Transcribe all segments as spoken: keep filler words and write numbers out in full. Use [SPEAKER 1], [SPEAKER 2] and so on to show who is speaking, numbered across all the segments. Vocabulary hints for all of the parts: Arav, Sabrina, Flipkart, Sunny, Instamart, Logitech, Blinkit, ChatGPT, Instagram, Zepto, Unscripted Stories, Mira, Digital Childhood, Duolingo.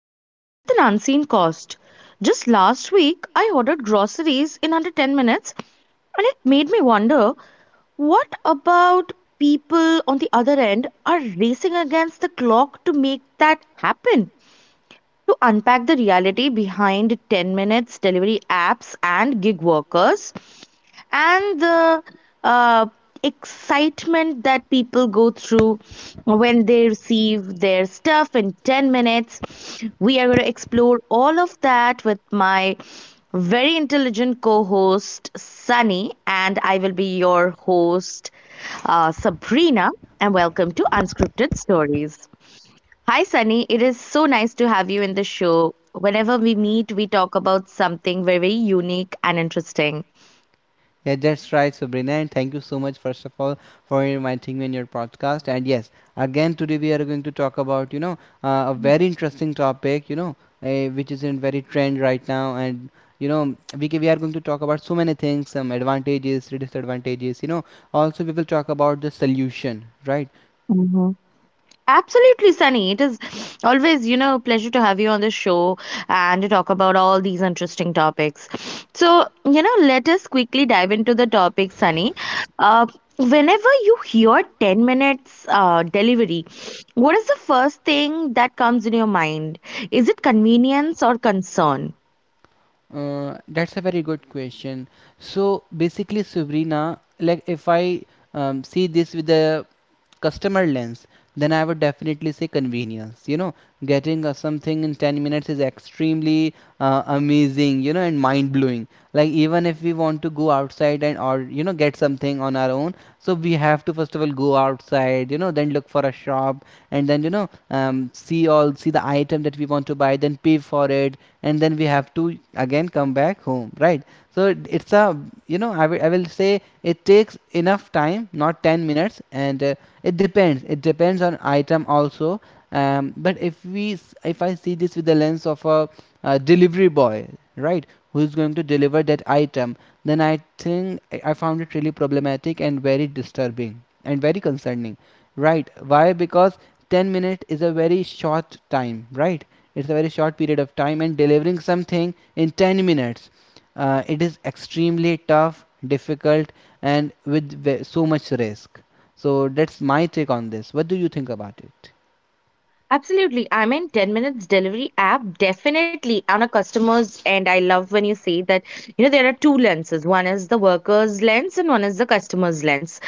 [SPEAKER 1] come with an unseen cost. Just last week I ordered groceries in under ten minutes, and it made me wonder, what about people on the other end are racing against the clock to make that happen? To unpack the reality behind ten minutes delivery apps and gig workers and the uh, excitement that people go through when they receive their stuff in ten minutes. We are going to explore all of that with my very intelligent co host, Sunny, and I will be your host, uh, Sabrina. And welcome to Unscripted Stories. Hi, Sunny. It is so nice to have you in the show. Whenever we meet, we talk about something very unique and interesting. Mhm. Absolutely, Sunny. It is always, you know, a pleasure to have you on the show and to talk about all these interesting topics. So, you know, let us quickly dive into the topic, Sunny. Uh, Whenever you hear ten minutes uh, delivery, what is the first thing that comes in your mind? Is it convenience or concern? Absolutely. I mean, ten minutes delivery app, definitely on a customer's end. I love when you say that, you know, there are two lenses. One is the worker's lens and one is the customer's lens.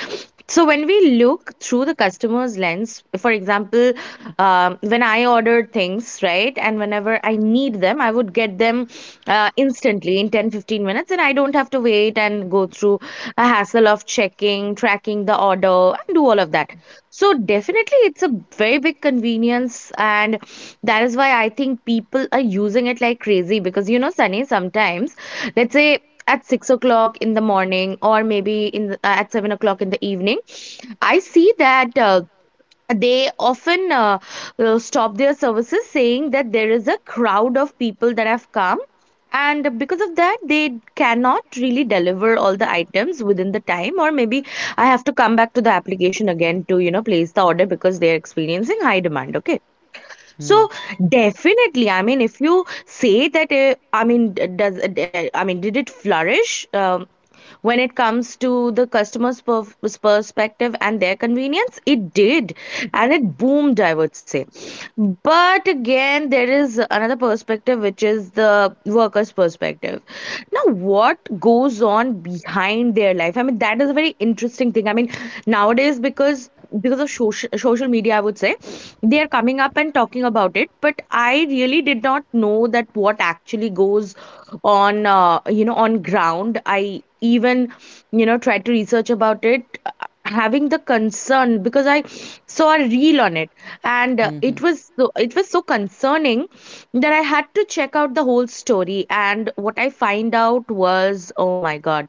[SPEAKER 1] So when we look through the customer's lens, for example, um, when I ordered things, right, and whenever I need them, I would get them uh, instantly in ten fifteen minutes, and I don't have to wait and go through a hassle of checking, tracking the order, and do all of that. So definitely it's a very big convenience, and that is why I think people are using it like crazy, because you know, Sunny, sometimes let's say at six o'clock in the morning or maybe in the, at seven o'clock in the evening, I see that uh, they often uh, uh, stop their services saying that there is a crowd of people that have come, and because of that they cannot really deliver all the items within the time, or maybe I have to come back to the application again to, you know, place the order, because they are experiencing high demand. Okay,
[SPEAKER 2] Hmm.
[SPEAKER 1] so definitely, I mean, if you say that uh, I mean d- does uh, d- I mean did it flourish, um, when it comes to the customer's perf- perspective and their convenience, it did and it boomed, I would say. But again, there is another perspective, which is the worker's perspective. Now what goes on behind their life, I mean, that is a very interesting thing. I mean, nowadays because because of social, social media, I would say, they are coming up and talking about it, but I really did not know that what actually goes on, uh, you know, on ground. I even, you know, tried to research about it, uh, having the concern, because I saw a reel on it, and uh,
[SPEAKER 2] Mm-hmm.
[SPEAKER 1] it was so, it was so concerning that I had to check out the whole story, and what I find out was, oh my god,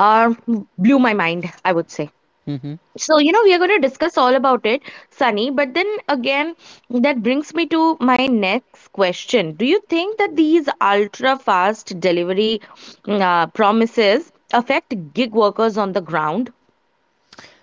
[SPEAKER 1] uh, blew my mind, I would say.
[SPEAKER 2] hmm Hmm.
[SPEAKER 1] So, you know, we are going to discuss all about it, Sunny. But then again, that brings me to my next question. Do you think that these ultra fast delivery mm, uh, promises affect gig workers on the ground?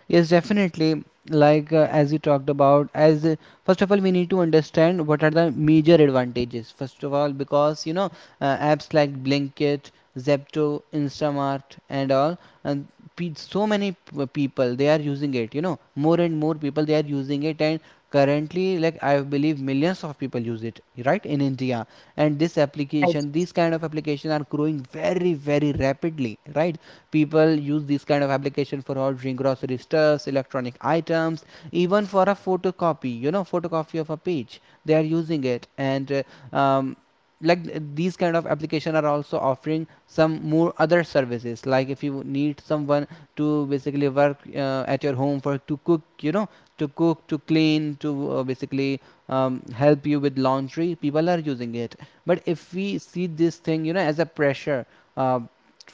[SPEAKER 2] Yes, definitely. Like uh, as you talked about, as uh, first of all, we need to understand what are the major advantages. First of all, because you know, uh, apps like Blinkit, Zepto, Instamart, and all, and pe- so many p- uh, people they are using it. You know, more and more people they are using it, and currently, like I believe, millions of people use it, right, in India. And this
[SPEAKER 1] Right.
[SPEAKER 2] application, these kind of application are growing very, very rapidly, right? People use this kind of application for ordering grocery stuffs, electronic items, even for a photocopy, you know, photocopy of a page they are using it. And uh, um, like These kind of application are also offering some more other services, like if you need someone to basically work uh, at your home for to cook, you know, to cook, to clean, to uh, basically um, help you with laundry, people are using it. But if we see this thing, you know, as a pressure uh,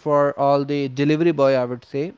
[SPEAKER 2] for all the delivery boy, I would say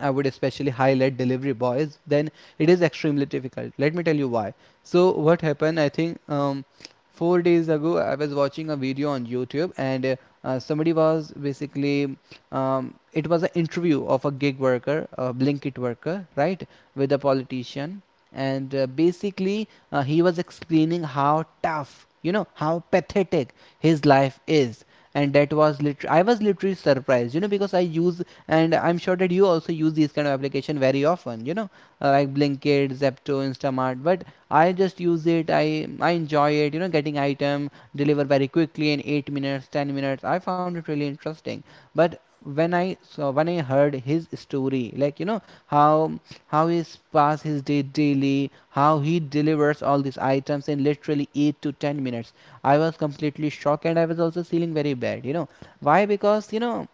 [SPEAKER 2] I would especially highlight delivery boys, then it is extremely difficult. Let me tell you why. So, what happened, I think, um, four days ago, I was watching a video on YouTube, and uh, uh, somebody was basically, um, it was an interview of a gig worker, a Blinkit worker, right, with a politician. And uh, basically, uh, he was explaining how tough, you know, how pathetic his life is. And that was literally, I was literally surprised, you know, because I use, and I'm sure that you also use these kind of application very often, you know, uh, like Blinkit, Zepto, Instamart, but I just use it, i i enjoy it, you know, getting item delivered very quickly in eight minutes, ten minutes. I found it really interesting. But when I saw, when I heard his story, like, you know, how how he pass his day daily, how he delivers all these items in literally eight to ten minutes, I was completely shocked and I was also feeling very bad, you know. Why? Because, you know,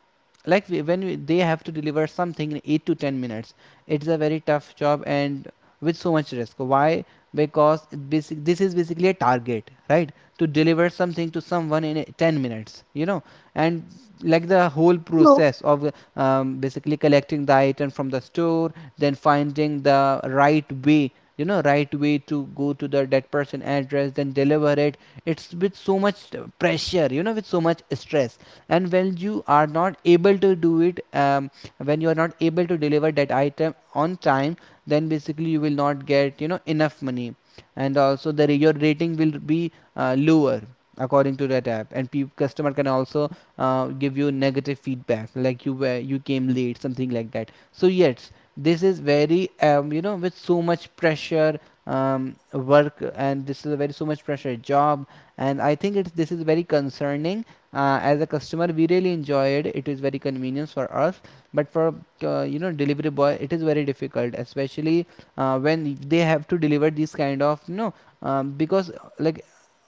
[SPEAKER 2] like we- when we, they have to deliver something in eight to ten minutes, it's a very tough job, and with so much risk. Why? Because it basic, this is basically a target, right? To deliver something to someone in ten minutes, you know. And like the whole
[SPEAKER 1] So
[SPEAKER 2] process of um, basically collecting the item from the store, then finding the right way, you know, right way to go to the that person address, then deliver it. It's with so much pressure, you know, with so much stress. And when you are not able to do it, um, when you are not able to deliver that item on time, then basically you will not get, you know, enough money. And also the your rating will be uh, lower according to that app, and pe- customer can also uh, give you negative feedback, like you were, you came late, something like that. So yes, this is very um, you know, with so much pressure um, work, and this is a very so much pressure job. And I think it's this is very concerning. Uh, as a customer we really enjoyed it is very convenient for us, but for uh, you know, delivery boy it is very difficult, especially uh, when they have to deliver these kind of, you know, um, because uh, like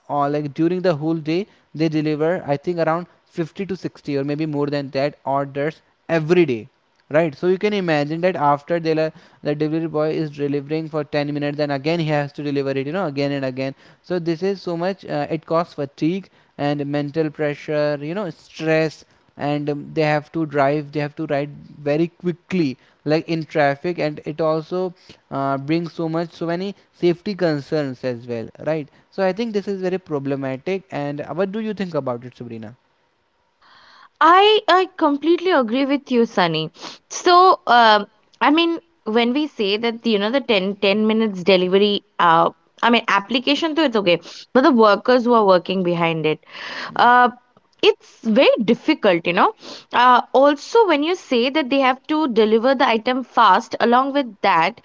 [SPEAKER 2] or uh, like during the whole day they deliver, I think, around fifty to sixty, or maybe more than that, orders every day, right? So you can imagine that after they la- the delivery boy is delivering for ten minutes, then again he has to deliver it, you know, again and again. So this is so much, uh, it causes fatigue and mental pressure, you know, stress. And um, they have to drive, they have to ride very quickly, like in traffic, and it also uh, brings so much, so many safety concerns as well, right? So I think this is very problematic, and uh, what do you think about it, Sabrina?
[SPEAKER 1] I I completely agree with you, Sunny. So um, I mean, when we say that, you know, the ten, ten minutes delivery, uh, I mean, application to, it's okay, but the workers who are working behind it, uh, it's very difficult, you know. Uh, also, when you say that they have to deliver the item fast, along with that,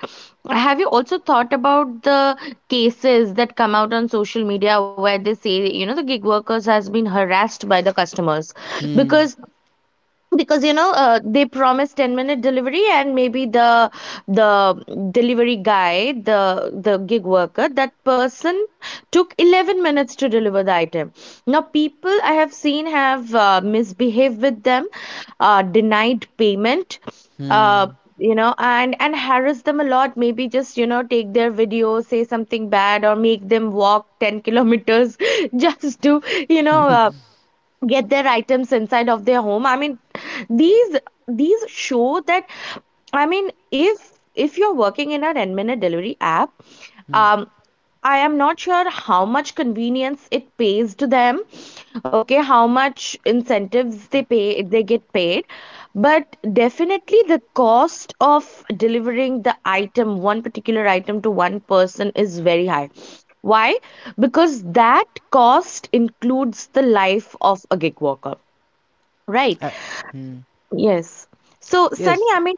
[SPEAKER 1] have you also thought about the cases that come out on social media where they say, you know, the gig workers has been harassed by the customers,
[SPEAKER 2] Hmm.
[SPEAKER 1] because because you know, uh, they promise ten minute delivery, and maybe the the delivery guy the the gig worker, that person took eleven minutes to deliver the item. Now people, I have seen, have uh, misbehaved with them, uh, denied payment, uh,
[SPEAKER 2] Hmm.
[SPEAKER 1] you know, and and harass them a lot, maybe just, you know, take their video, say something bad, or make them walk ten kilometers just to, you know uh, get their items inside of their home. I mean, these these show that, I mean, if if you're working in a ten minute delivery app,
[SPEAKER 2] Hmm.
[SPEAKER 1] um, I am not sure how much convenience it pays to them, okay, how much incentives they pay they get paid. But definitely the cost of delivering the item, one particular item to one person, is very high. Why? Because that cost includes the life of a gig worker. Right.
[SPEAKER 2] Uh, hmm.
[SPEAKER 1] Yes. So, Sunny,
[SPEAKER 2] Yes.
[SPEAKER 1] I mean,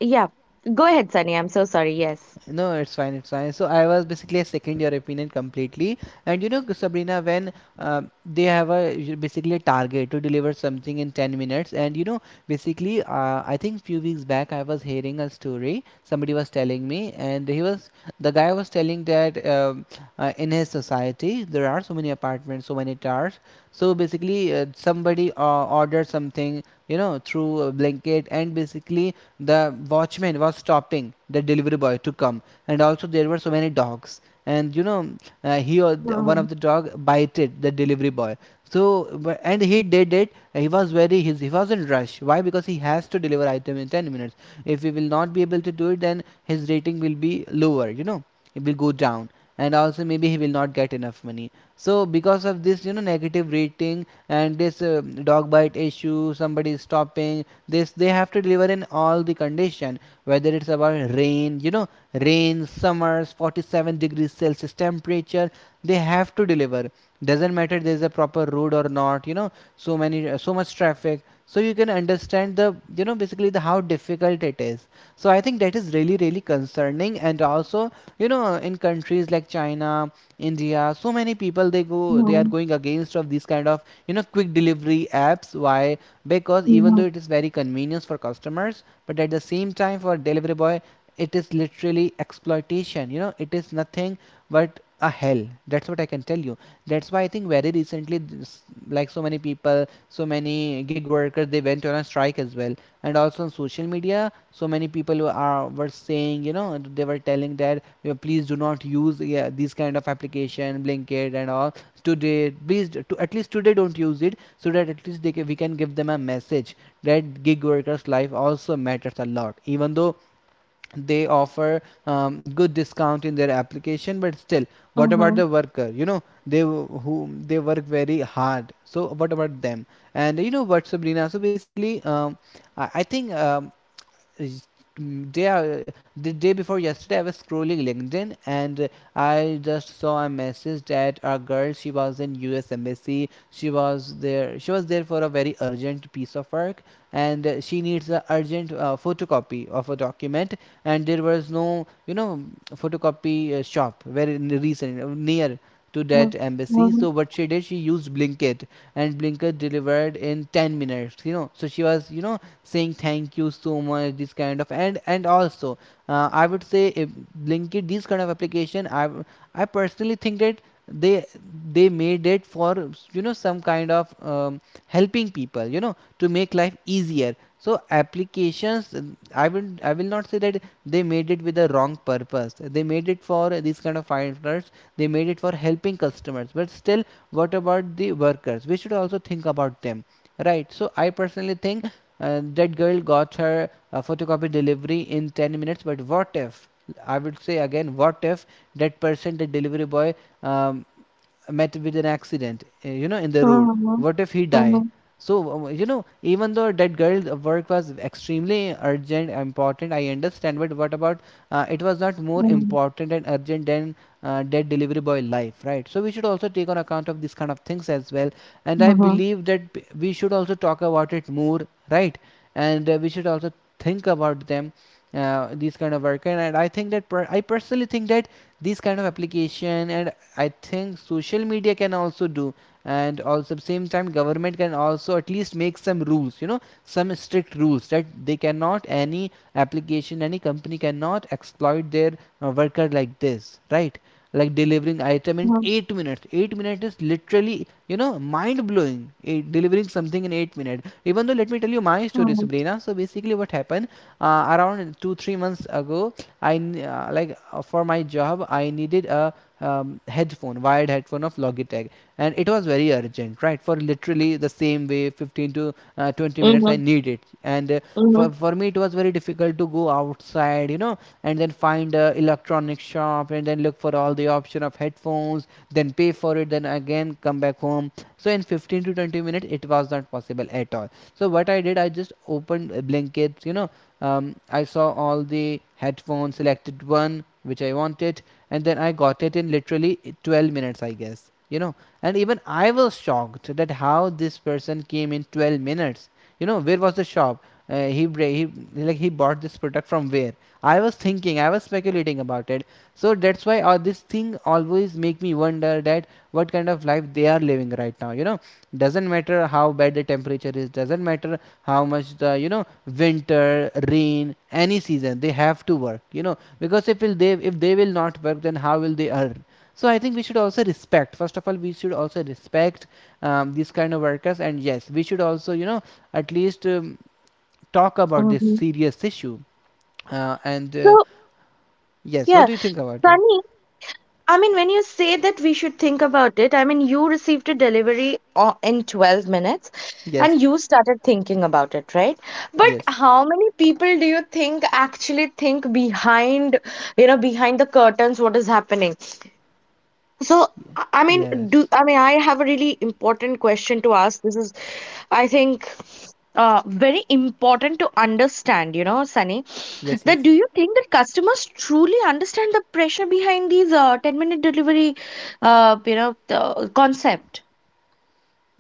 [SPEAKER 1] yeah. Go ahead, Sunny. I'm so sorry. Yes.
[SPEAKER 2] No, it's fine, it's fine. So I was basically, I second your opinion completely. And you know, Sabrina, when uh, they have a basically a target to deliver something in ten minutes, and you know, basically, uh, I think few weeks back I was hearing a story. Somebody was telling me, and he was the guy was telling that um, uh, in his society there are so many apartments, so many towers. So basically, uh, somebody uh, ordered something, you know, through a blanket, and basically the watchman was stopping the delivery boy to come. And also there were so many dogs, and you know, uh, he al- one
[SPEAKER 1] Mm-hmm.
[SPEAKER 2] of the dog bited the delivery boy. So wh- and he did it, he was very, his, he was in rush. Why? Because he has to deliver item in ten minutes. If he will not be able to do it, then his rating will be lower, you know, it will go down. And also maybe he will not get enough money. So because of this, you know, negative rating, and this uh, dog bite issue, somebody is stopping this, they have to deliver in all the condition, whether it's about rain, you know, rain, summers, forty-seven degrees celsius temperature, they have to deliver. Doesn't matter there's a proper road or not, you know, so many uh, so much traffic. So you can understand the, you know, basically the how difficult it is. So I think that is really really concerning. And also, you know, in countries like China, India, so many people they go they are
[SPEAKER 1] Mm-hmm.
[SPEAKER 2] going against of these kind of, you know, quick delivery apps. Why?
[SPEAKER 1] Mm-hmm.
[SPEAKER 2] Because even though it is very convenient for customers, but at the same time for delivery boy it is literally exploitation, you know, it is nothing but a hell. That's what I can tell you. That's why I think very recently this, like so many people, so many gig workers, they went on a strike as well. And also on social media so many people were, are were saying, you know, they were telling that, you know, please do not use, yeah, these kind of application, Blinkit and all, today, please to at least today don't use it, so that at least they can, we can give them a message that gig workers life also matters a lot, even though they
[SPEAKER 1] Mm-hmm.
[SPEAKER 2] offer um, good discount in their application, but still, what about the worker, you know, they w- who they work very hard, so what about them? And you know what, Sabrina, so basically um, I, I think um, mm, day uh, the day before yesterday I was scrolling LinkedIn, and uh, I just saw a message that a girl, she was in U S embassy, she was there she was there for a very urgent piece of work, and uh, she needs a urgent uh, photocopy of a document. And there was no, you know, photocopy uh, shop very recent uh, near to
[SPEAKER 1] Mm-hmm.
[SPEAKER 2] that embassy.
[SPEAKER 1] Mm-hmm.
[SPEAKER 2] So what she did, she used Blinkit, and Blinkist delivered in ten minutes. You know, so she was, you know, saying thank you so much, this kind of. and and also, uh, I would say if Blinkit, these kind of application, I I personally think that they they made it for, you know, some kind of um, helping people, you know, to make life easier. So applications, um, i will I will not say that they made it with the wrong purpose. They made it for these kind of finders, they made it for helping customers, but still what about the workers? We should also think about them, right? So I personally think uh, that girl got her uh, photocopy delivery in ten minutes, but what if, I would say, again, what if that person, the delivery boy, um, met with an accident, uh, you know, in the road,
[SPEAKER 1] Mm-hmm.
[SPEAKER 2] what if he
[SPEAKER 1] Mm-hmm.
[SPEAKER 2] die? So um, you know, even though that girl's work was extremely urgent important, I understand, but what about, uh, it was not more
[SPEAKER 1] Mm-hmm.
[SPEAKER 2] important and urgent than, uh, that delivery boy life, right? So we should also take on account of these kind of things as well. And I
[SPEAKER 1] Mm-hmm.
[SPEAKER 2] believe that we should also talk about it more, right. And uh, we should also think about them, uh, these kind of work. And, and I think that per- I personally think that these kind of application, and I think social media can also do. And also at the same time government can also at least make some rules, you know, some strict rules, that they cannot, any application, any company cannot exploit their uh, worker like this, right? Like delivering item in
[SPEAKER 1] Mm-hmm.
[SPEAKER 2] eight minutes, eight minutes is literally, you know, mind blowing. Delivering something in eight minutes Even though, let me tell you my story, Sabrina. So basically what happened, uh, around two three months ago, I uh, like uh, for my job I needed a um, headphone, wired headphone of Logitech. And it was very urgent, right? For literally the same way, fifteen to uh, twenty minutes I need it. And uh,
[SPEAKER 1] Mm-hmm.
[SPEAKER 2] for, for me it was very difficult to go outside, you know, and then find a electronic shop and then look for all the option of headphones, then pay for it, then again come back home. So in fifteen to twenty minutes it was not possible at all. So what I did, I just opened uh, you know um, I saw all the headphones, selected one which I wanted, and then I got it in literally twelve minutes, I guess. You know, and even I was shocked that how this person came in twelve minutes. You know, where was the shop? Uh, he, he like he bought this product from where? I was thinking, I was speculating about it. So that's why uh, this thing always make me wonder that what kind of life they are living right now. You know, doesn't matter how bad the temperature is, doesn't matter how much the, you know, winter, rain, any season, they have to work, you know, because if will they, if they will not work, then how will they earn? So I think we should also respect, first of all we should also respect um, these kind of workers. And yes, we should also, you know, at least um, talk about this
[SPEAKER 1] Mm-hmm.
[SPEAKER 2] serious issue. Uh, and uh,
[SPEAKER 1] So,
[SPEAKER 2] Yes, what
[SPEAKER 1] yeah,
[SPEAKER 2] do you think about it?
[SPEAKER 1] Sunny, I mean, when you say that we should think about it, I mean, you received a delivery o- in twelve minutes
[SPEAKER 2] Yes,
[SPEAKER 1] and you started thinking about it, right? But
[SPEAKER 2] yes.
[SPEAKER 1] how many people do you think actually think behind, you know, behind the curtains what is happening? So,
[SPEAKER 2] Yeah,
[SPEAKER 1] I I mean, do
[SPEAKER 2] yes,
[SPEAKER 1] I mean, I have a really important question to ask. This is, I think, uh, very important to understand, you know, Sunny.
[SPEAKER 2] yes,
[SPEAKER 1] That
[SPEAKER 2] yes.
[SPEAKER 1] do you think that customers truly understand the pressure behind these uh, ten minute delivery, uh, you know, the concept?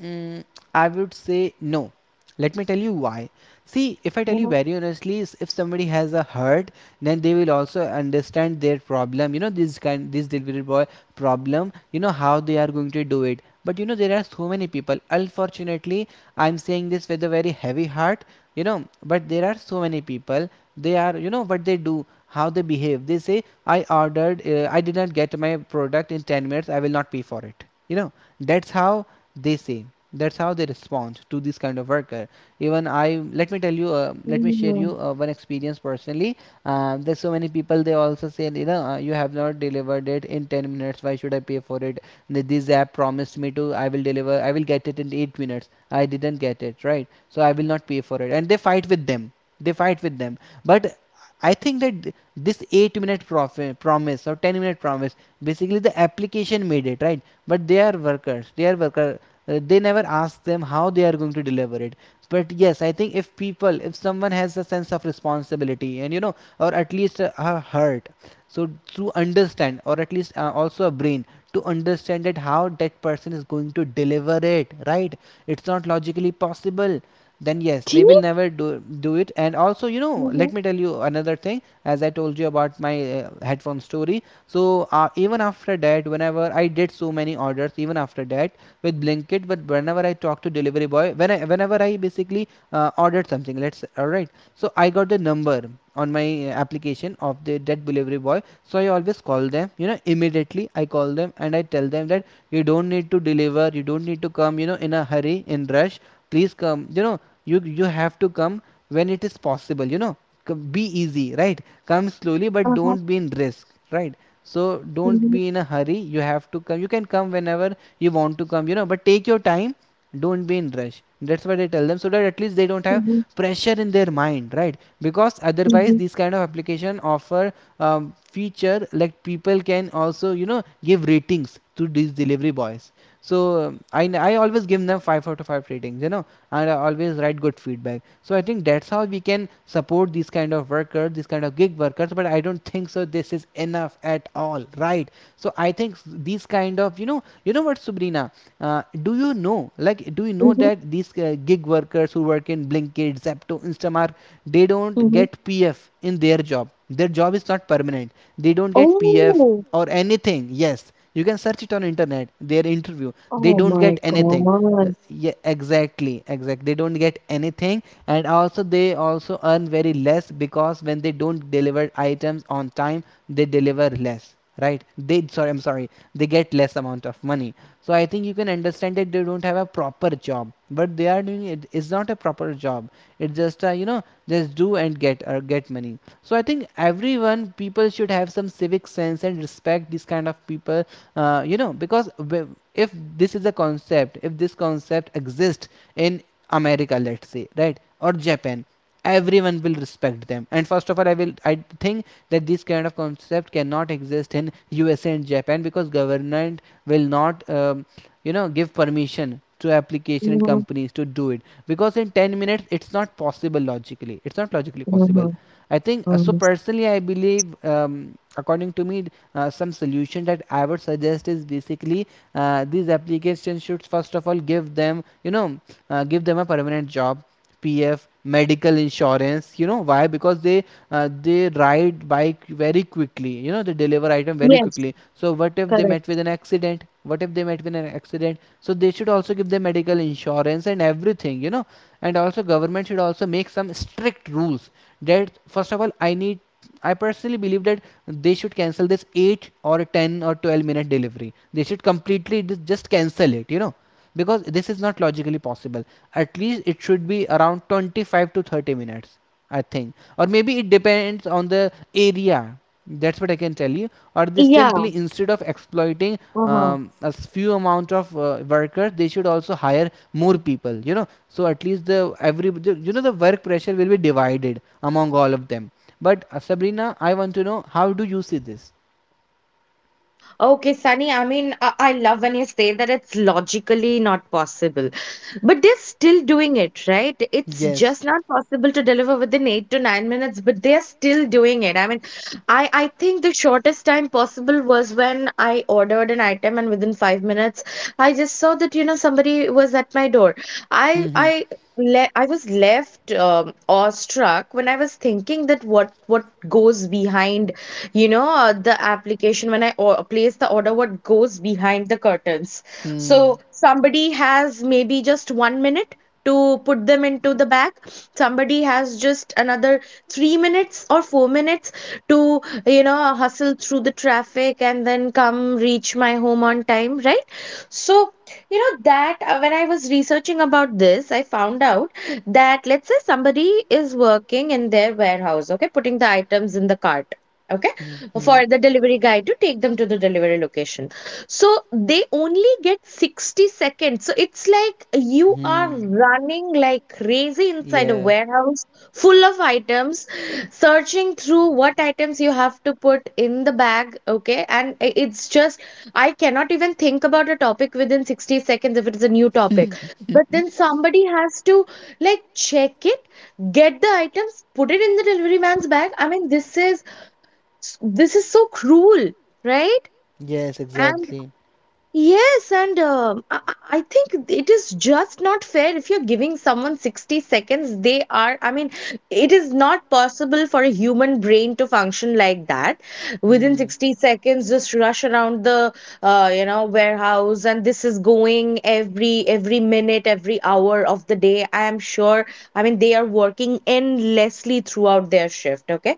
[SPEAKER 2] Mm, I would say no. Let me tell you why. See, if I tell you
[SPEAKER 1] Mhm.
[SPEAKER 2] very honestly, s- if somebody has a hurt, then they will also understand their problem. You know, this kind, this delivery boy problem. You know how they are going to do it. But you know, there are so many people. Unfortunately, I'm saying this with a very heavy heart. You know, but there are so many people. They are, you know, what they do, how they behave. They say, I ordered, uh, I did not get my product in ten minutes. I will not pay for it. You know, that's how they say, that's how they respond to this kind of worker. Even I, let me tell you, uh, let me share you
[SPEAKER 1] Mhm.
[SPEAKER 2] uh, one experience personally. Uh, there's so many people, they also say, you know, uh, you have not delivered it in ten minutes, why should I pay for it? This app promised me to, I will deliver, I will get it in eight minutes, I didn't get it, right? So I will not pay for it, and they fight with them, they fight with them. But I think that this eight minute profi- promise or ten minute promise, basically the application made it, right? But they are workers, they are worker. Uh, they never ask them how they are going to deliver it. But yes, I think if people, if someone has a sense of responsibility and, you know, or at least a, a heart, so to understand or at least uh, also a brain to understand that how that person is going to deliver it, right? It's not logically possible. Then
[SPEAKER 1] It
[SPEAKER 2] yes, they will
[SPEAKER 1] is.
[SPEAKER 2] never do do it. And also, you know, let
[SPEAKER 1] Mhm.
[SPEAKER 2] me tell you another thing, as I told you about my uh, headphone story. So uh, even after that, whenever I did so many orders, even after that, with Blinkit, but whenever I talked to delivery boy, when I, whenever I basically uh, ordered something, let's all right, so I got the number on my uh, application of the that delivery boy. So I always call them, you know, immediately I call them and I tell them that you don't need to deliver, you don't need to come, you know, in a hurry, in rush, please come, you know, you you have to come when it is possible, you know, be easy, right? Come slowly but
[SPEAKER 1] Uh-huh.
[SPEAKER 2] don't be in risk, right? So don't
[SPEAKER 1] Mhm.
[SPEAKER 2] be in a hurry, you have to come, you can come whenever you want to come, you know, but take your time, don't be in rush. That's what I tell them, so that at least they don't have
[SPEAKER 1] Mhm.
[SPEAKER 2] pressure in their mind, right? Because otherwise
[SPEAKER 1] Mhm.
[SPEAKER 2] these kind of application offer um, feature, like people can also, you know, give ratings to these delivery boys. So um, I I always give them five out of five ratings, you know, and I always write good feedback. So I think that's how we can support these kind of workers, these kind of gig workers. But but I don't think so this is enough at all, right? So I think these kind of, you know, you know what Sabrina, uh, do you know, like do you know
[SPEAKER 1] Mhm.
[SPEAKER 2] that these uh, gig workers who work in Blinkit, Zepto, Instamart, they don't
[SPEAKER 1] Mhm.
[SPEAKER 2] get PF in their job? Their job is not permanent. They don't get PF
[SPEAKER 1] Oh,
[SPEAKER 2] or anything. Yes, you can search it on internet, their interview. They
[SPEAKER 1] oh
[SPEAKER 2] don't
[SPEAKER 1] my
[SPEAKER 2] get anything. Uh,
[SPEAKER 1] God.
[SPEAKER 2] yeah, exactly, exactly, they don't get anything. And also they also earn very less, because when they don't deliver items on time, they deliver less, right? They, sorry, I'm sorry, they get less amount of money. So I think you can understand that they don't have a proper job, but they are doing, it is not a proper job. It's just a, you know, just do and get, or get money. So I think everyone, people should have some civic sense and respect these kind of people. Uh, you know, because if this is a concept, if this concept exists in America, let's say, right, or Japan, everyone will respect them. And first of all, i will I think that this kind of concept cannot exist in USA and Japan, because government will not um, you know, give permission to application and
[SPEAKER 1] Mhm.
[SPEAKER 2] companies to do it. Because in ten minutes it's not possible, logically it's not logically possible.
[SPEAKER 1] Mhm.
[SPEAKER 2] I think uh, so.
[SPEAKER 1] Mhm.
[SPEAKER 2] Personally, I believe, um, according to me, uh, some solution that I would suggest is basically uh, these applications should first of all give them, you know, uh, give them a permanent job. P F, medical insurance. You know why? Because they uh, they ride bike very quickly. You know, they deliver item very
[SPEAKER 1] Yes,
[SPEAKER 2] quickly. So what if they
[SPEAKER 1] correct.
[SPEAKER 2] met with an accident? What if they met with an accident? So they should also give them medical insurance and everything. You know, and also government should also make some strict rules. That first of all, i need I personally believe that they should cancel this eight or ten or twelve minute delivery, they should completely just cancel it, you know, because this is not logically possible. At least it should be around twenty-five to thirty minutes, I think, or maybe it depends on the area. That's what I can tell you. Or they simply,
[SPEAKER 1] Yeah.
[SPEAKER 2] instead of exploiting
[SPEAKER 1] Uh huh.
[SPEAKER 2] um, a s- few amount of uh, workers, they should also hire more people, you know, so at least the, every, you know, the work pressure will be divided among all of them. But uh, Sabrina, I want to know, how do you see this?
[SPEAKER 1] Okay, Sunny, I mean, I, I love when you say that it's logically not possible, but they're still doing it, right? It's
[SPEAKER 2] Yes.
[SPEAKER 1] just not possible to deliver within eight to nine minutes, but they're still doing it. I mean, I, I think the shortest time possible was when I ordered an item and within five minutes, I just saw that, you know, somebody was at my door. I,
[SPEAKER 2] Hmm.
[SPEAKER 1] I, le- I was left, um, awestruck when I was thinking that what what goes behind, you know, uh, the application. When I or- place the order, what goes behind the curtains?
[SPEAKER 2] Hmm.
[SPEAKER 1] So somebody has maybe just one minute to put them into the bag, somebody has just another three minutes or four minutes to, you know, hustle through the traffic and then come reach my home on time, right? So, you know, that uh, when I was researching about this, I found out that let's say somebody is working in their warehouse, okay, putting the items in the cart, okay,
[SPEAKER 2] Hmm. Hmm.
[SPEAKER 1] for the delivery guy to take them to the delivery location. So they only get sixty seconds. So it's like you are
[SPEAKER 2] Hmm.
[SPEAKER 1] running like crazy inside a
[SPEAKER 2] Yeah.
[SPEAKER 1] warehouse full of items, searching through what items you have to put in the bag. Okay. And i- it's just, I cannot even think about a topic within sixty seconds if it is a new topic. But then somebody has to, like, check it, get the items, put it in the delivery man's bag. I mean, this is, s- this is so cruel, right?
[SPEAKER 2] Yes,
[SPEAKER 1] And
[SPEAKER 2] exactly.
[SPEAKER 1] yes, and um, I, I I think it is just not fair. If you're giving someone sixty seconds, they are, I mean, it is not possible for a human brain to function like that, within
[SPEAKER 2] Hmm.
[SPEAKER 1] sixty seconds just rush around the, uh, you know, warehouse. And this is going every every minute, every hour of the day, I am sure. I mean, they are working endlessly throughout their shift, okay.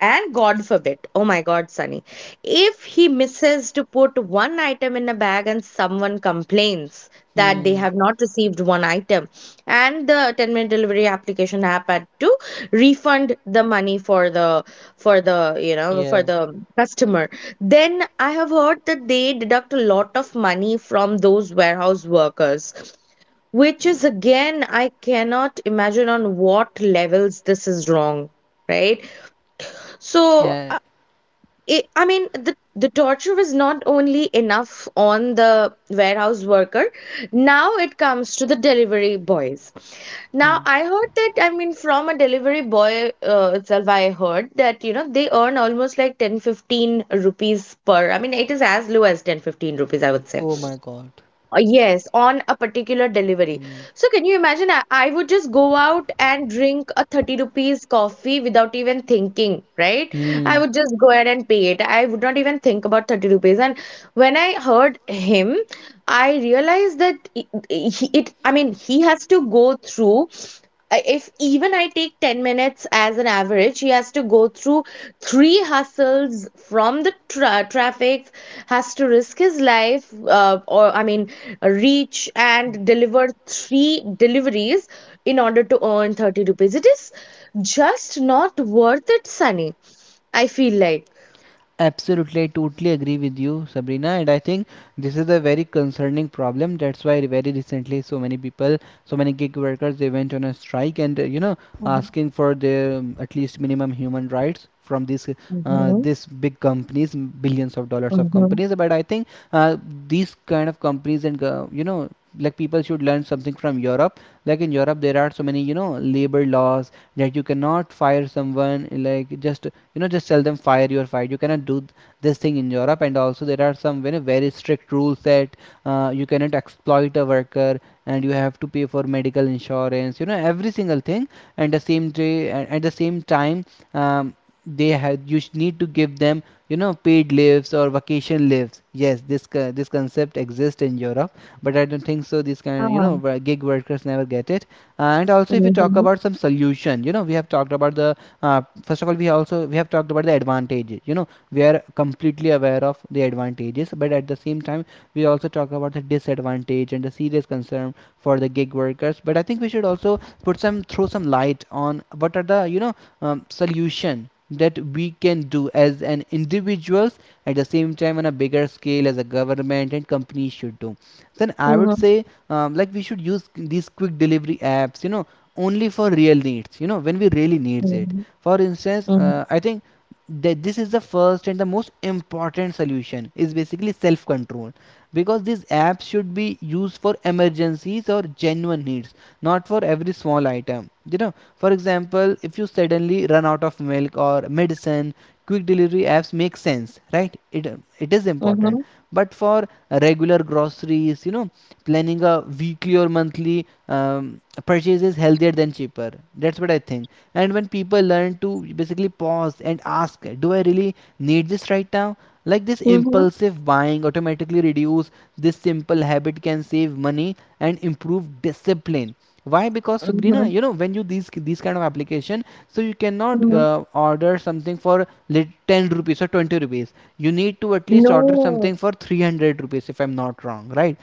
[SPEAKER 1] And God forbid, oh my God, Sunny, if he misses to put one item in a bag and someone complains that they
[SPEAKER 2] Hmm.
[SPEAKER 1] have not received one item, and the ten minute delivery application app had to refund the money for the for the you know,
[SPEAKER 2] Yeah.
[SPEAKER 1] for the customer, then I have heard that they deduct a lot of money from those warehouse workers. Which is, again, I cannot imagine on what levels this is wrong, right? So
[SPEAKER 2] Yeah.
[SPEAKER 1] uh, it, I mean, the, the torture was not only enough on the warehouse worker. Now it comes to the delivery boys.
[SPEAKER 2] Hmm.
[SPEAKER 1] Now, I heard that, I mean, from a delivery boy uh, itself, I heard that, you know, they earn almost like ten fifteen rupees per. I mean, it is as low as ten fifteen rupees, I would say.
[SPEAKER 2] Oh my God.
[SPEAKER 1] Uh, Yes, on a particular delivery.
[SPEAKER 2] Hmm.
[SPEAKER 1] So can you imagine? I, I would just go out and drink a thirty rupees coffee without even thinking, right? I
[SPEAKER 2] Hmm.
[SPEAKER 1] would just go ahead and pay it. I would not even think about thirty rupees. And when I heard him, I realized that it, it, it- I mean, he has to go through I- if even I take ten minutes as an average, he has to go through three hustles from the tra- traffic, has to risk his life, uh, or I mean, reach and deliver three deliveries in order to earn thirty rupees. It is just not worth it, Sunny, I feel like.
[SPEAKER 2] Absolutely, I totally agree with you, Sabrina, and I think this is a very concerning problem. That's why very recently so many people, so many gig workers, they went on a strike and, uh, you know, asking for their um, at least minimum human rights from these uh,
[SPEAKER 1] Mm-hmm.
[SPEAKER 2] this big companies, m- billions of dollars of
[SPEAKER 1] Mm-hmm.
[SPEAKER 2] companies. But I think uh, these kind of companies and go- you know, like people should learn something from Europe. Like in Europe, there are so many you know labor laws that you cannot fire someone like just you know just tell them fire your fight. You cannot do this thing in Europe, and also there are some very, very strict rules that uh, you cannot exploit a worker, and you have to pay for medical insurance, you know, every single thing. And the same day at the same time um, they had you need to give them you know paid leaves or vacation leaves. Yes, this co- this concept exists in Europe, but I don't think so these kind you
[SPEAKER 1] Ah.
[SPEAKER 2] know gig workers never get it. And also if we talk
[SPEAKER 1] Mm-hmm.
[SPEAKER 2] about some solution, you know, we have talked about the uh, first of all we also we have talked about the advantages, you know, we are completely aware of the advantages, but at the same time we also talk about the disadvantage and the serious concern for the gig workers. But I think we should also put some throw some light on what are the you know um, solution that we can do as an individuals at the same time on a bigger scale as a government and companies should do. Then I would
[SPEAKER 1] Mm-hmm.
[SPEAKER 2] say um, like we should use these quick delivery apps, you know, only for real needs, you know, when we really needs it.
[SPEAKER 1] Mm-hmm.
[SPEAKER 2] For instance,
[SPEAKER 1] Mm-hmm.
[SPEAKER 2] uh, I think that this is the first and the most important solution is basically self control, because these apps should be used for emergencies or genuine needs, not for every small item you know. For example, if you suddenly run out of milk or medicine, quick delivery apps make sense, right? It it is important.
[SPEAKER 1] Mm-hmm.
[SPEAKER 2] But for regular groceries, you know, planning a weekly or monthly um, purchase is healthier than cheaper. That's what I think. And when people learn to basically pause and ask, do I really need this right now, like this
[SPEAKER 1] Mm-hmm.
[SPEAKER 2] impulsive buying automatically reduce. This simple habit can save money and improve discipline. Why? Because, Sabrina, you know, when you these these kind of application, so you cannot
[SPEAKER 1] Mm-hmm.
[SPEAKER 2] uh, order something for lit- ten rupees or twenty rupees. You need to at least order
[SPEAKER 1] No.
[SPEAKER 2] something for three hundred rupees if I'm not wrong, right?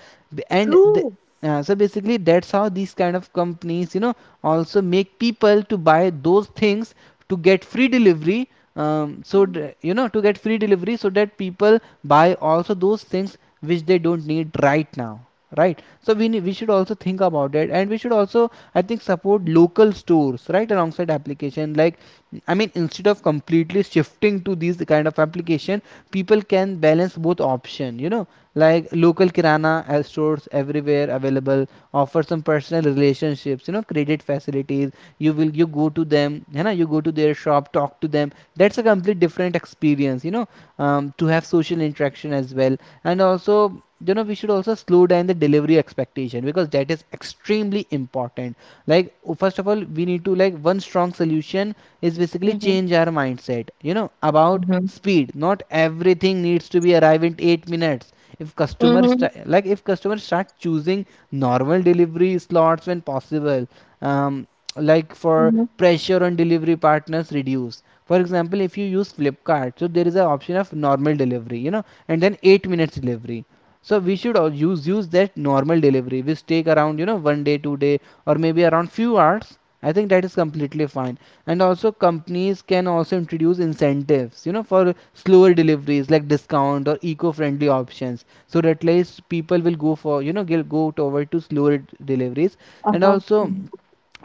[SPEAKER 2] And the,
[SPEAKER 1] True.
[SPEAKER 2] uh, so basically that's how these kind of companies, you know, also make people to buy those things to get free delivery. Um, so
[SPEAKER 1] Mm-hmm.
[SPEAKER 2] you know to get free delivery so that people buy also those things which they don't need right now, right? So we need, we should also think about it, and we should also I think support local stores right alongside application. Like I mean instead of completely shifting to these kind of application, people can balance both option, you know, like local kirana uh, stores everywhere available, offer some personal relationships, you know, credit facilities. You will you go to them, you know, you go to their shop, talk to them. That's a complete different experience, you know, um, to have social interaction as well. And also you know we should also slow down the delivery expectation because that is extremely important. Like first of all we need to like one strong solution is basically change our mindset, you know, about
[SPEAKER 1] Mm-hmm.
[SPEAKER 2] speed. Not everything needs to be arrived in eight minutes. If customers
[SPEAKER 1] Mm-hmm.
[SPEAKER 2] like if customers start choosing normal delivery slots when possible, um, like for
[SPEAKER 1] Mm-hmm.
[SPEAKER 2] pressure on delivery partners reduce. For example, if you use Flipkart, so there is an option of normal delivery, you know, and then eight minutes delivery. So we should all use use that normal delivery which take around you know one day two day or maybe around few hours. I think that is completely fine. And also companies can also introduce incentives, you know, for slower deliveries, like discount or eco-friendly options, so that at least people will go for you know will go toward to slower deliveries. And
[SPEAKER 1] Uh-huh.
[SPEAKER 2] also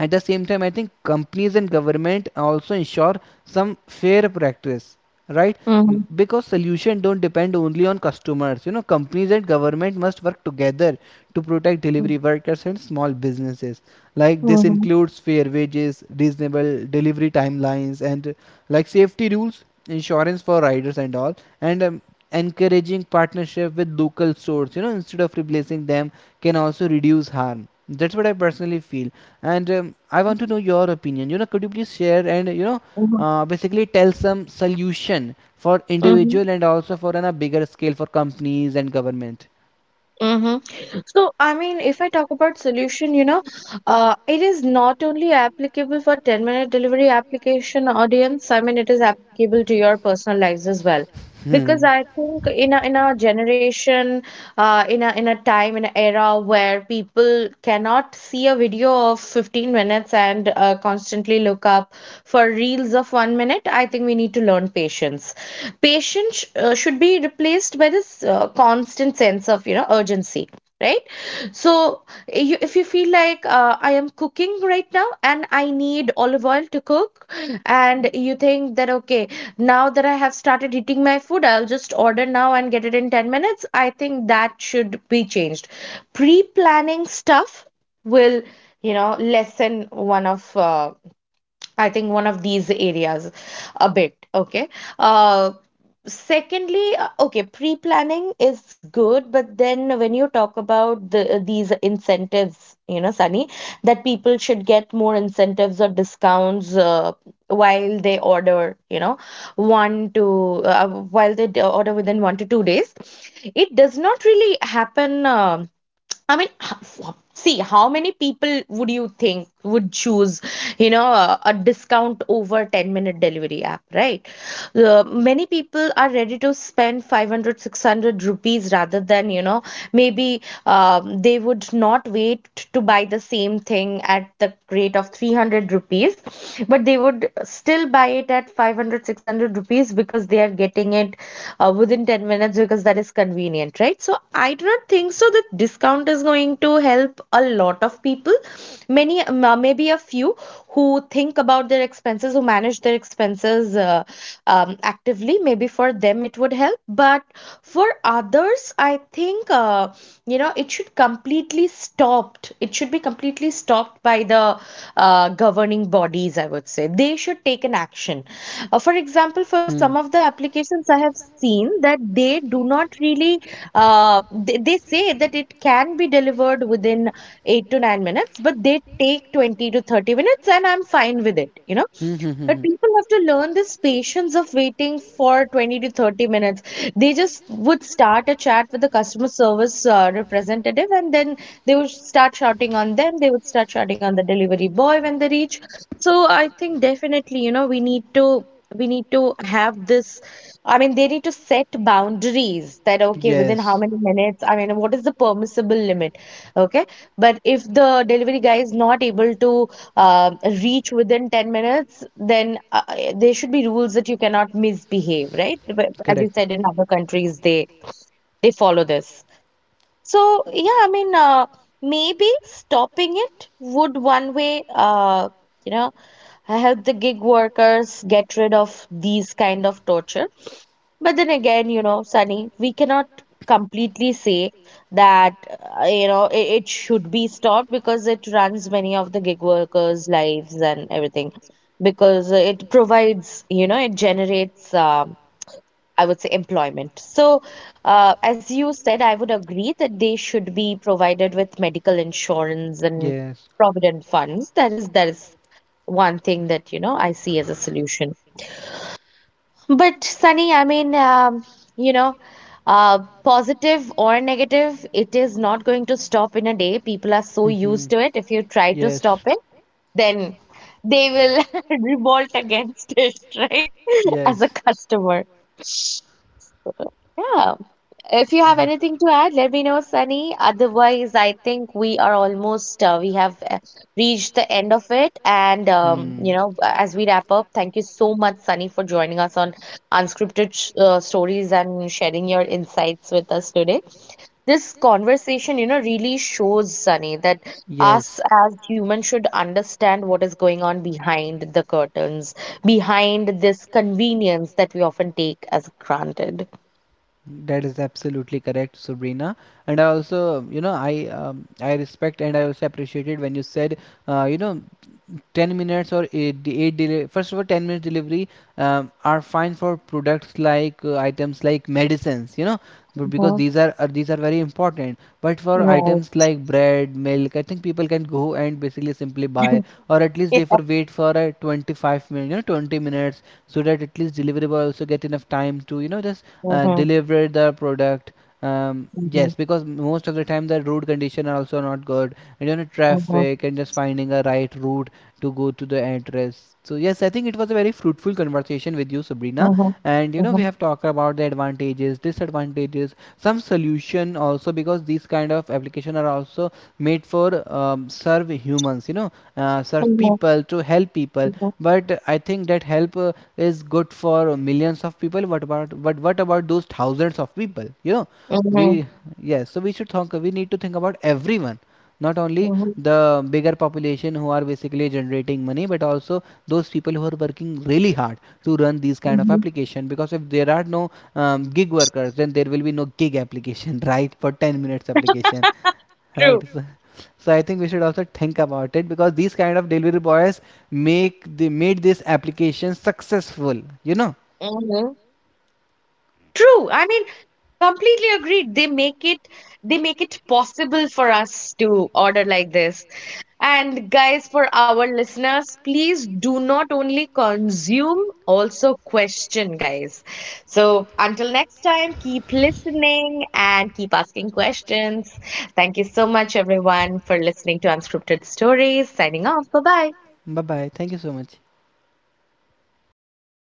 [SPEAKER 2] at the same time I think companies and government also ensure some fair practice, right? M-
[SPEAKER 1] Mhm.
[SPEAKER 2] because solution don't depend only on customers, you know, companies and government must work together to protect
[SPEAKER 1] Mm.
[SPEAKER 2] delivery workers and small businesses. Like this
[SPEAKER 1] Mhm.
[SPEAKER 2] includes fair wages, reasonable delivery timelines, and uh, like safety rules, insurance for riders and all. And um, encouraging partnership with local stores, you know, instead of replacing them, can also reduce harm. That's what I personally feel. And um, I
[SPEAKER 1] Mhm.
[SPEAKER 2] want to know your opinion, you know, could you please share, and you know,
[SPEAKER 1] Mhm.
[SPEAKER 2] uh, basically tells some solution for
[SPEAKER 1] Mhm.
[SPEAKER 2] individual and also for on a bigger scale for companies and government.
[SPEAKER 1] Mhm. So, I mean, if I talk about solution, you know, uh, it is not only applicable for ten-minute delivery application audience. I mean, it is applicable to your personal lives as well. Because
[SPEAKER 2] Hmm.
[SPEAKER 1] I think in a in a generation, uh, in a in a time, in an era where people cannot see a video of fifteen minutes and uh, constantly look up for reels of one minute, I think we need to learn patience. Patience uh, should be replaced by this uh, constant sense of, you know, urgency, right? So you, if you feel like, uh, I am cooking right now and I need olive oil to cook, and you think that, okay, now that I have started eating my food, I'll just order now and get it in ten minutes. I think that should be changed. Pre-planning stuff will, you know, lessen one of, uh, I think, one of these areas a bit. Okay. uh, Secondly, uh, okay, pre-planning is good, but then when you talk about the, uh, these incentives, you know, Sunny, that people should get more incentives or discounts uh, while they order, you know, one to uh, while they d- order within one to two days, it does not really happen. um I mean, see how many people would you think would choose, you know, a, a discount over ten minute delivery app, right? Uh, many people are ready to spend five hundred, six hundred rupees rather than, you know, maybe, um, they would not wait to buy the same thing at the rate of three hundred rupees, but they would still buy it at five hundred, six hundred rupees because they are getting it uh, within ten minutes because that is convenient, right? So I do not think so that discount is going to help help a lot of people. Many, maybe a few, who think about their expenses, who manage their expenses, uh, um, actively, maybe for them it would help, but for others I think, uh, you know, it should completely stopped. It should be completely stopped by the, uh, governing bodies, I would say. They should take an action. Uh, for example, for
[SPEAKER 2] Hmm. Hmm.
[SPEAKER 1] some of the applications I have seen that they do not really uh, they, they say that it can be delivered within eight to nine minutes, but they take twenty to thirty minutes, and I'm fine with it, you know. But
[SPEAKER 2] Hmm.
[SPEAKER 1] people have to learn this patience of waiting for twenty
[SPEAKER 2] Hmm.
[SPEAKER 1] to thirty minutes.
[SPEAKER 2] Hmm.
[SPEAKER 1] They just would start a chat with the customer service uh, representative, and then they would start shouting on them. They would start shouting on the delivery boy when they reach. So I think definitely, you know, we need to. We need to have this. I mean, they need to set boundaries that, okay, within how many minutes? I mean, what is the permissible limit?
[SPEAKER 2] Like
[SPEAKER 1] Okay. But if the delivery guy is not able to um, reach within ten minutes, then uh, uh, there should be rules that you cannot misbehave, right? But as you
[SPEAKER 2] correct.
[SPEAKER 1] said, in other countries, they they follow this. So yeah, I mean, uh, maybe stopping it would one way, uh, you know, help the gig workers get rid of these kind of torture. But then again, you know, Sunny, we cannot completely say that, uh, you know, it, it should be stopped because it runs many of the gig workers' lives and everything. Because it provides, you know, it generates, um, I would say, employment. So, uh, as you said, I would agree that they should be provided with medical insurance and
[SPEAKER 2] Yes.
[SPEAKER 1] provident funds. That is, that is one thing that, you know, I see as a solution. But Sunny, I mean, um, you know, uh, positive or negative, it is not going to stop in a day. People are so
[SPEAKER 2] Hmm.
[SPEAKER 1] used to it. If you try to stop it, then they will revolt against it, right? As
[SPEAKER 2] Yes.
[SPEAKER 1] a customer. Yeah. If you have anything to add, let me know, Sunny. Otherwise, I think we are almost, uh, we have uh,
[SPEAKER 2] uh,
[SPEAKER 1] reached the end of it. And, um, you know, as we wrap up, thank you so much, Sunny, for joining us on Unscripted Sh- uh, Stories and sharing your insights with us today. This conversation, you know, really shows, Sunny, that
[SPEAKER 2] Yes,
[SPEAKER 1] us as humans should understand what is going on behind the curtains, behind this convenience that we often take as granted.
[SPEAKER 2] that is absolutely correct, Sabrina. And I also, you know, I um, I respect and I also appreciated when you said, uh, you know. ten minutes or eight, de- eight deli- first of all ten minutes delivery um, are fine for products like uh, items like medicines, you know, but because
[SPEAKER 1] Mhm.
[SPEAKER 2] these are uh, these are very important. But for
[SPEAKER 1] Right.
[SPEAKER 2] items like bread, milk, I think people can go and basically simply buy, or at least they for wait for a uh, twenty-five minutes, you know, twenty minutes, so that at least deliverable also get enough time to you know just uh,
[SPEAKER 1] Mhm.
[SPEAKER 2] deliver the product. Um, yes
[SPEAKER 1] Mhm.
[SPEAKER 2] because most of the time the road condition are also not good, and you know
[SPEAKER 1] Mhm.
[SPEAKER 2] traffic and just finding a right route to go to the address. So yes, I think it was a very fruitful conversation with you, Sabrina.
[SPEAKER 1] Mhm.
[SPEAKER 2] And you
[SPEAKER 1] Mhm.
[SPEAKER 2] know, we
[SPEAKER 1] Mhm.
[SPEAKER 2] have talked about the advantages, disadvantages, some solution also, because these kind of application are also made for um, serve humans. You know, uh, serve
[SPEAKER 1] Mhm.
[SPEAKER 2] people to help people. But I think that help uh, is good for millions of people. What about but what about those thousands of people? You know, we
[SPEAKER 1] Mhm.
[SPEAKER 2] yes. So we should think. We need to think about everyone, not only
[SPEAKER 1] Mhm.
[SPEAKER 2] the bigger population who are basically generating money, but also those people who are working really hard to run these kind of
[SPEAKER 1] Mhm.
[SPEAKER 2] application. Because if there are no um, gig workers, then there will be no gig application right for ten minutes application, right?
[SPEAKER 1] True.
[SPEAKER 2] So, so I think we should also think about it because these kind of delivery boys make they made this application successful, you know.
[SPEAKER 1] Mhm. True. I mean, completely agreed. They make it they make it possible for us to order like this. And guys, for our listeners, please do not only consume, also question, guys. So until next time, keep listening and keep asking questions. Thank you so much, everyone, for listening to Unscripted Stories. Signing off. Bye bye.
[SPEAKER 2] Bye bye, thank you so much.